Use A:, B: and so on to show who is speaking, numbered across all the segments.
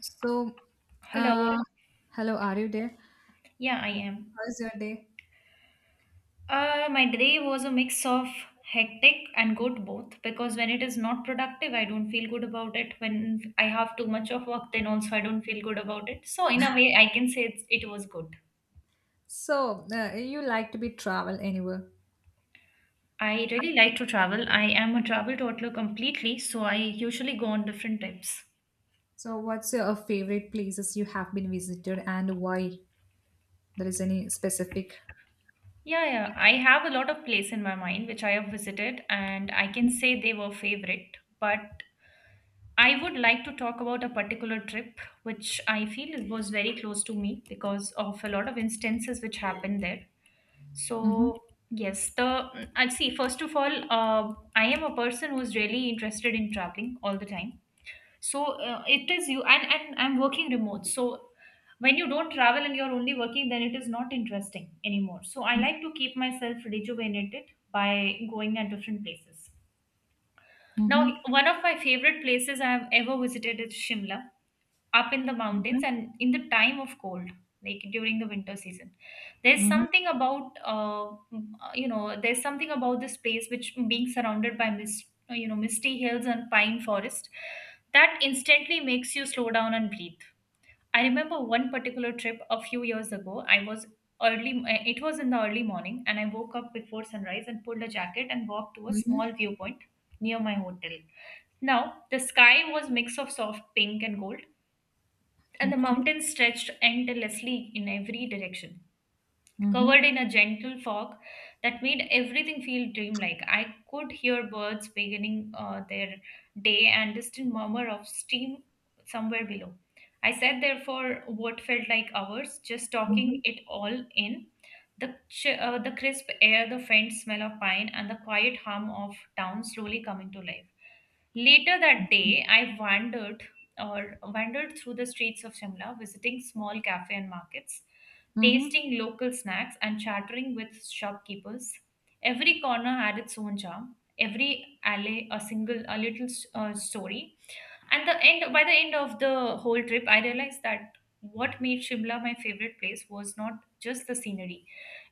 A: So,
B: Hello.
A: uh, Hello, are you there?
B: Yeah, I am.
A: How's your day?
B: My day was a mix of hectic and good both because when it is not productive, I don't feel good about it. When I have too much of work, then also I don't feel good about it. So, in a way, I can say it was good.
A: You like to be travel anywhere.
B: I really like to travel. I am a travel toddler completely, so I usually go on different trips.
A: So, what's your favorite places you have been visited and why? There is any specific?
B: Yeah, yeah. I have a lot of place in my mind which I have visited, and I can say they were favorite. But I would like to talk about a particular trip which I feel was very close to me because of a lot of instances which happened there.
A: Mm-hmm.
B: So, yes, the I'd see first of all, I am a person who's really interested in traveling all the time. So, it is you and I'm working remote. So, when you don't travel and you're only working, then it is not interesting anymore. So, I like
A: Mm-hmm.
B: to keep myself rejuvenated by going at different places. Now,
A: mm-hmm,
B: one of my favorite places I have ever visited is Shimla up in the mountains
A: mm-hmm,
B: and in the time of cold, like during the winter season. There's
A: mm-hmm.
B: something about there's something about this place which, being surrounded by mist, you know, misty hills and pine forest, that instantly makes you slow down and breathe. I remember one particular trip a few years ago. I was it was in the early morning and I woke up before sunrise and pulled a jacket and walked to a
A: Mm-hmm.
B: small viewpoint near my hotel. Now the sky was mix of soft pink and gold, and the
A: Okay.
B: mountains stretched endlessly in every direction,
A: Mm-hmm,
B: covered in a gentle fog that made everything feel dreamlike. I could hear birds beginning their day and distant murmur of steam somewhere below. I sat there for what felt like hours, just
A: mm-hmm,
B: talking it all in. The crisp air, the faint smell of pine, and the quiet hum of town slowly coming to life. Later that
A: mm-hmm,
B: day, I wandered through the streets of Shimla, visiting small cafe and markets,
A: mm-hmm,
B: tasting local snacks and chattering with shopkeepers. Every corner had its own charm, every alley a little story. And the end By the end of the whole trip, I realized that what made Shimla my favorite place was not just the scenery.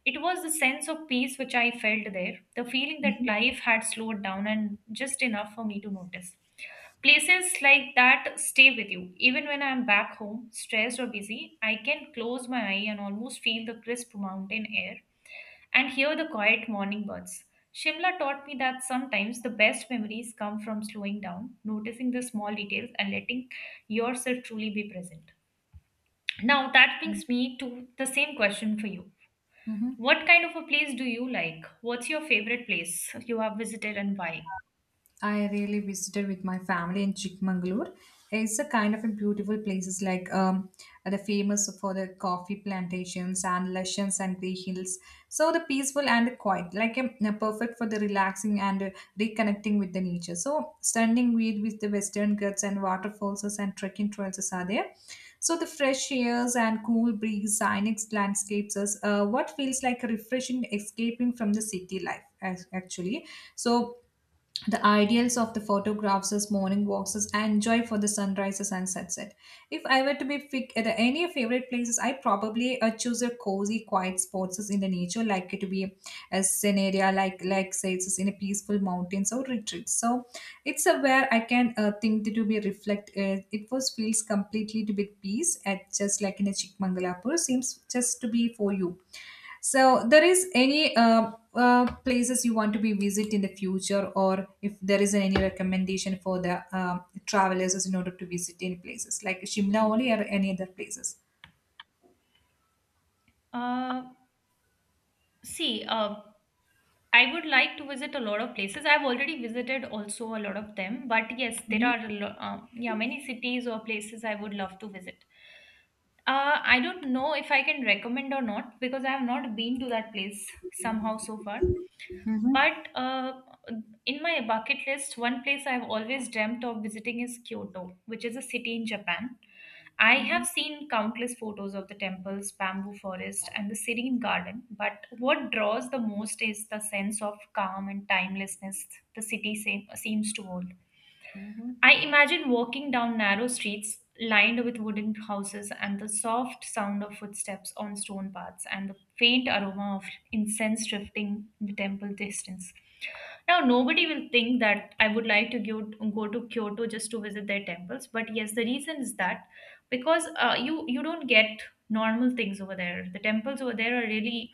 B: It was the sense of peace which I felt there, the feeling that life had slowed down and just enough for me to notice. Places like that stay with you. Even when I'm back home, stressed or busy, I can close my eye and almost feel the crisp mountain air and hear the quiet morning birds. Shimla taught me that sometimes the best memories come from slowing down, noticing the small details, and letting yourself truly be present. Now, that brings me to the same question for you.
A: mm-hmm.
B: What kind of a place do you like? What's your favorite place you have visited and why?
A: I really visited with my family in Chikmagalur. It's a kind of a beautiful places like the famous for the coffee plantations and lushens and green hills. So the peaceful and quiet, like perfect for the relaxing and reconnecting with the nature. So standing with the Western Ghats and waterfalls and trekking trails are there. So the fresh airs and cool breeze, scenic landscapes is what feels like a refreshing escaping from the city life actually. So the ideals of the photographs as morning walks as I enjoy for the sunrises and sunset. If I were to be pick at any favorite places, I probably choose a cozy, quiet spots as in the nature, like it to be a scene area, like say it's in a peaceful mountains or retreat. So it's a where I can think to be reflect it was feels completely to be peace at just like in a Chikmangalapur seems just to be for you. So there is any places you want to be visit in the future, or if there is any recommendation for the travelers in order to visit any places like Shimla only or any other places.
B: Uh, see, I would like to visit a lot of places. I've already visited also a lot of them, but yes, there are a lo- yeah many cities or places I would love to visit. I don't know if I can recommend or not because I have not been to that place somehow so far. But in my bucket list, one place I've always dreamt of visiting is Kyoto, which is a city in Japan. I
A: Mm-hmm.
B: have seen countless photos of the temples, bamboo forest, and the serene garden, but what draws the most is the sense of calm and timelessness the city seems to hold. I imagine walking down narrow streets lined with wooden houses and the soft sound of footsteps on stone paths and the faint aroma of incense drifting in the temple distance. Now, nobody will think that I would like to go to Kyoto just to visit their temples. But yes, the reason is that because you don't get normal things over there. The temples over there are really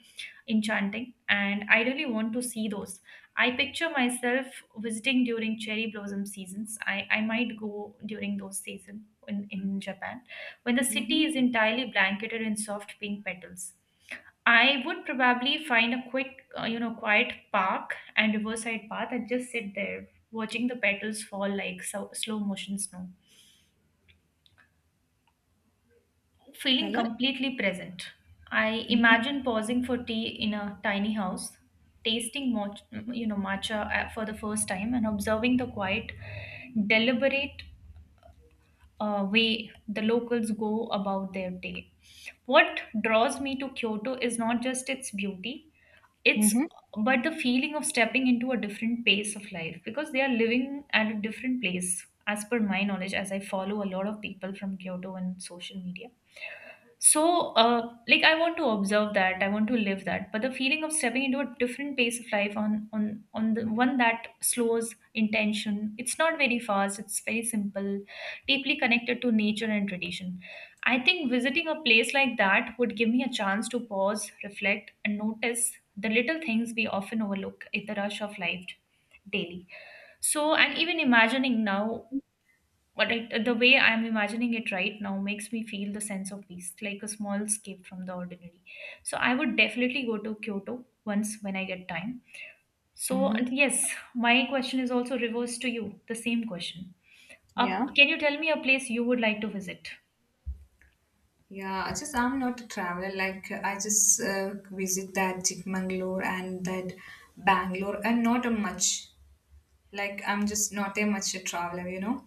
B: enchanting, and I really want to see those. I picture myself visiting during cherry blossom seasons. I might go during those seasons in Japan when the city is entirely blanketed in soft pink petals. I would probably find a quiet park and riverside path and just sit there watching the petals fall like slow motion snow, feeling completely present. I imagine pausing for tea in a tiny house, tasting matcha for the first time and observing the quiet, deliberate way the locals go about their day. What draws me to Kyoto is not just its beauty, it's
A: Mm-hmm.
B: but the feeling of stepping into a different pace of life, because they are living at a different place as per my knowledge, as I follow a lot of people from Kyoto on social media. So, I want to observe that. I want to live that. But the feeling of stepping into a different pace of life, on the one that slows intention. It's not very fast. It's very simple, deeply connected to nature and tradition. I think visiting a place like that would give me a chance to pause, reflect, and notice the little things we often overlook in the rush of life daily. So, and even imagining now, but it, the way I'm imagining it right now makes me feel the sense of peace, like a small escape from the ordinary. So I would definitely go to Kyoto once when I get time. So
A: Mm-hmm.
B: yes, my question is also reversed to you, the same question. uh,
A: Yeah.
B: can you tell me a place you would like to visit?
A: Yeah, I just I'm not a traveler. Like I just visit that Chikmagalur and that Bangalore, and not a much. Like I'm just not a much a traveler, you know.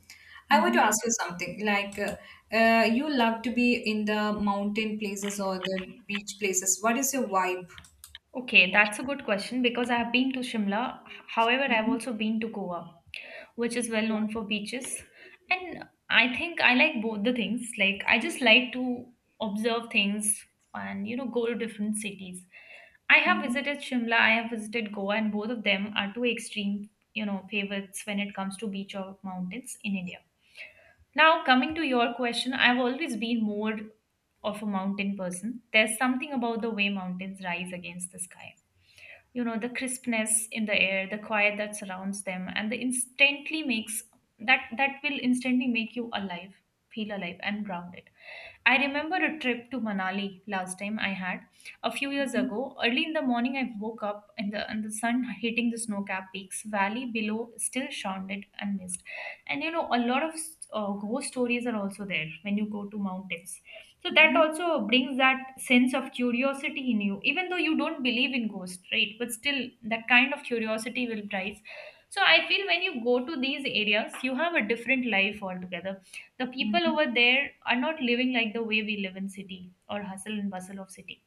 A: I want to ask
B: Hmm.
A: you something. Like you love to be in the mountain places or the beach places. What is your vibe?
B: Okay, that's a good question because I have been to Shimla. However, I've
A: Mhm.
B: also been to Goa, which is well known for beaches. And I think I like both the things. Like I just like to observe things and you know go to different cities. I
A: Yeah.
B: have
A: Mhm.
B: visited Shimla, I have visited Goa, and both of them are two extreme, you know, favorites when it comes to beach or mountains in India. Now, coming to your question, I've always been more of a mountain person. There's something about the way mountains rise against the sky, you know, the crispness in the air, the quiet that surrounds them, and the instantly makes that will instantly make you alive, feel alive and grounded. I remember a trip to Manali last time I had a few years ago. Early in the morning, I woke up and the sun hitting the snow-capped peaks. Valley below still shrouded and mist. And you know, a lot of ghost stories are also there when you go to mountains. So that
A: Mhm.
B: also brings that sense of curiosity in you, even though you don't believe in ghosts, right? But still, that kind of curiosity will rise. So I feel when you go to these areas, you have a different life altogether. The people
A: Mhm.
B: over there are not living like the way we live in city or hustle and bustle of city.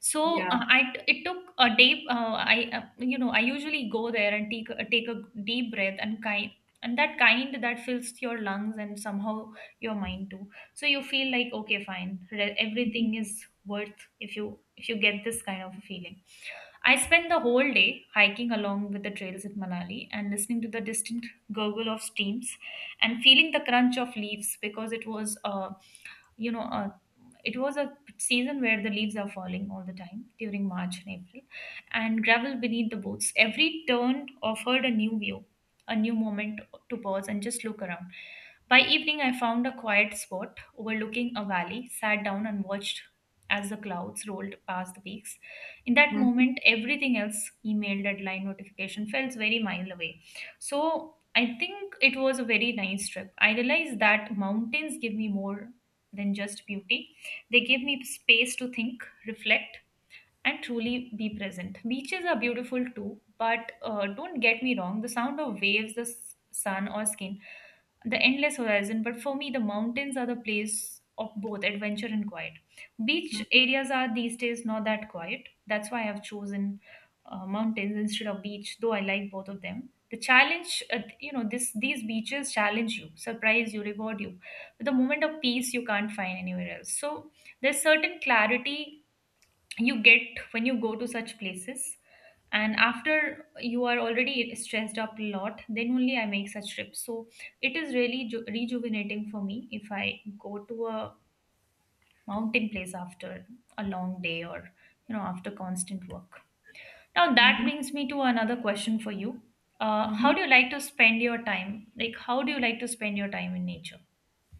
B: So
A: Yeah.
B: I t- it took a day I you know I usually go there and take a deep breath, and kind and that kind that fills your lungs and somehow your mind too. So you feel like okay fine, everything is worth, if you get this kind of a feeling. I spent the whole day hiking along with the trails in Manali and listening to the distant gurgle of streams and feeling the crunch of leaves, because it was you know uh, it was a season where the leaves are falling all the time during March and April, and gravel beneath the boots. Every turn offered a new view, a new moment to pause and just look around. By evening, I found a quiet spot overlooking a valley, sat down and watched as the clouds rolled past the peaks. In that
A: Mhm.
B: moment, everything else, email, deadline, notification, felt very mile away. So I think it was a very nice trip. I realized that mountains give me more than just beauty. They give me space to think, reflect, and truly be present. Beaches are beautiful too, but don't get me wrong, the sound of waves, the sun or skin, the endless horizon. But for me, the mountains are the place of both adventure and quiet. Beach areas are these days not that quiet. That's why I've chosen mountains instead of beach, though I like both of them. The challenge, you know, this these beaches challenge you, surprise you, reward you with a moment of peace you can't find anywhere else. So there's certain clarity you get when you go to such places, and after you are already stressed up a lot, then only I make such trips. So it is really rejuvenating for me if I go to a mountain place after a long day or you know after constant work. Now that
A: Mhm.
B: brings me to another question for you. How
A: Mhm.
B: do you like to spend your time, like how do you like to spend your time in nature?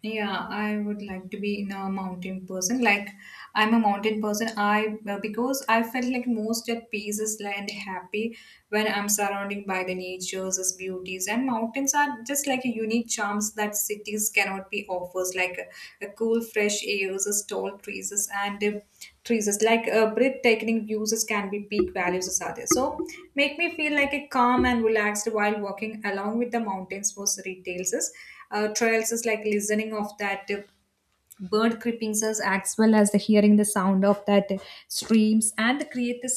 A: Yeah, I would like to be in a mountain person. Like I'm a mountain person. I because I felt like most at peace is like and happy when I'm surrounding by the nature's its beauties, and mountains are just like a unique charms that cities cannot be offers. Like a cool fresh air, is tall trees and trees is like breathtaking views is can be peak values is are there. So make me feel like a calm and relaxed while walking along with the mountains was retails is trials is like listening of that bird creepings as well as the hearing the sound of that streams and the create the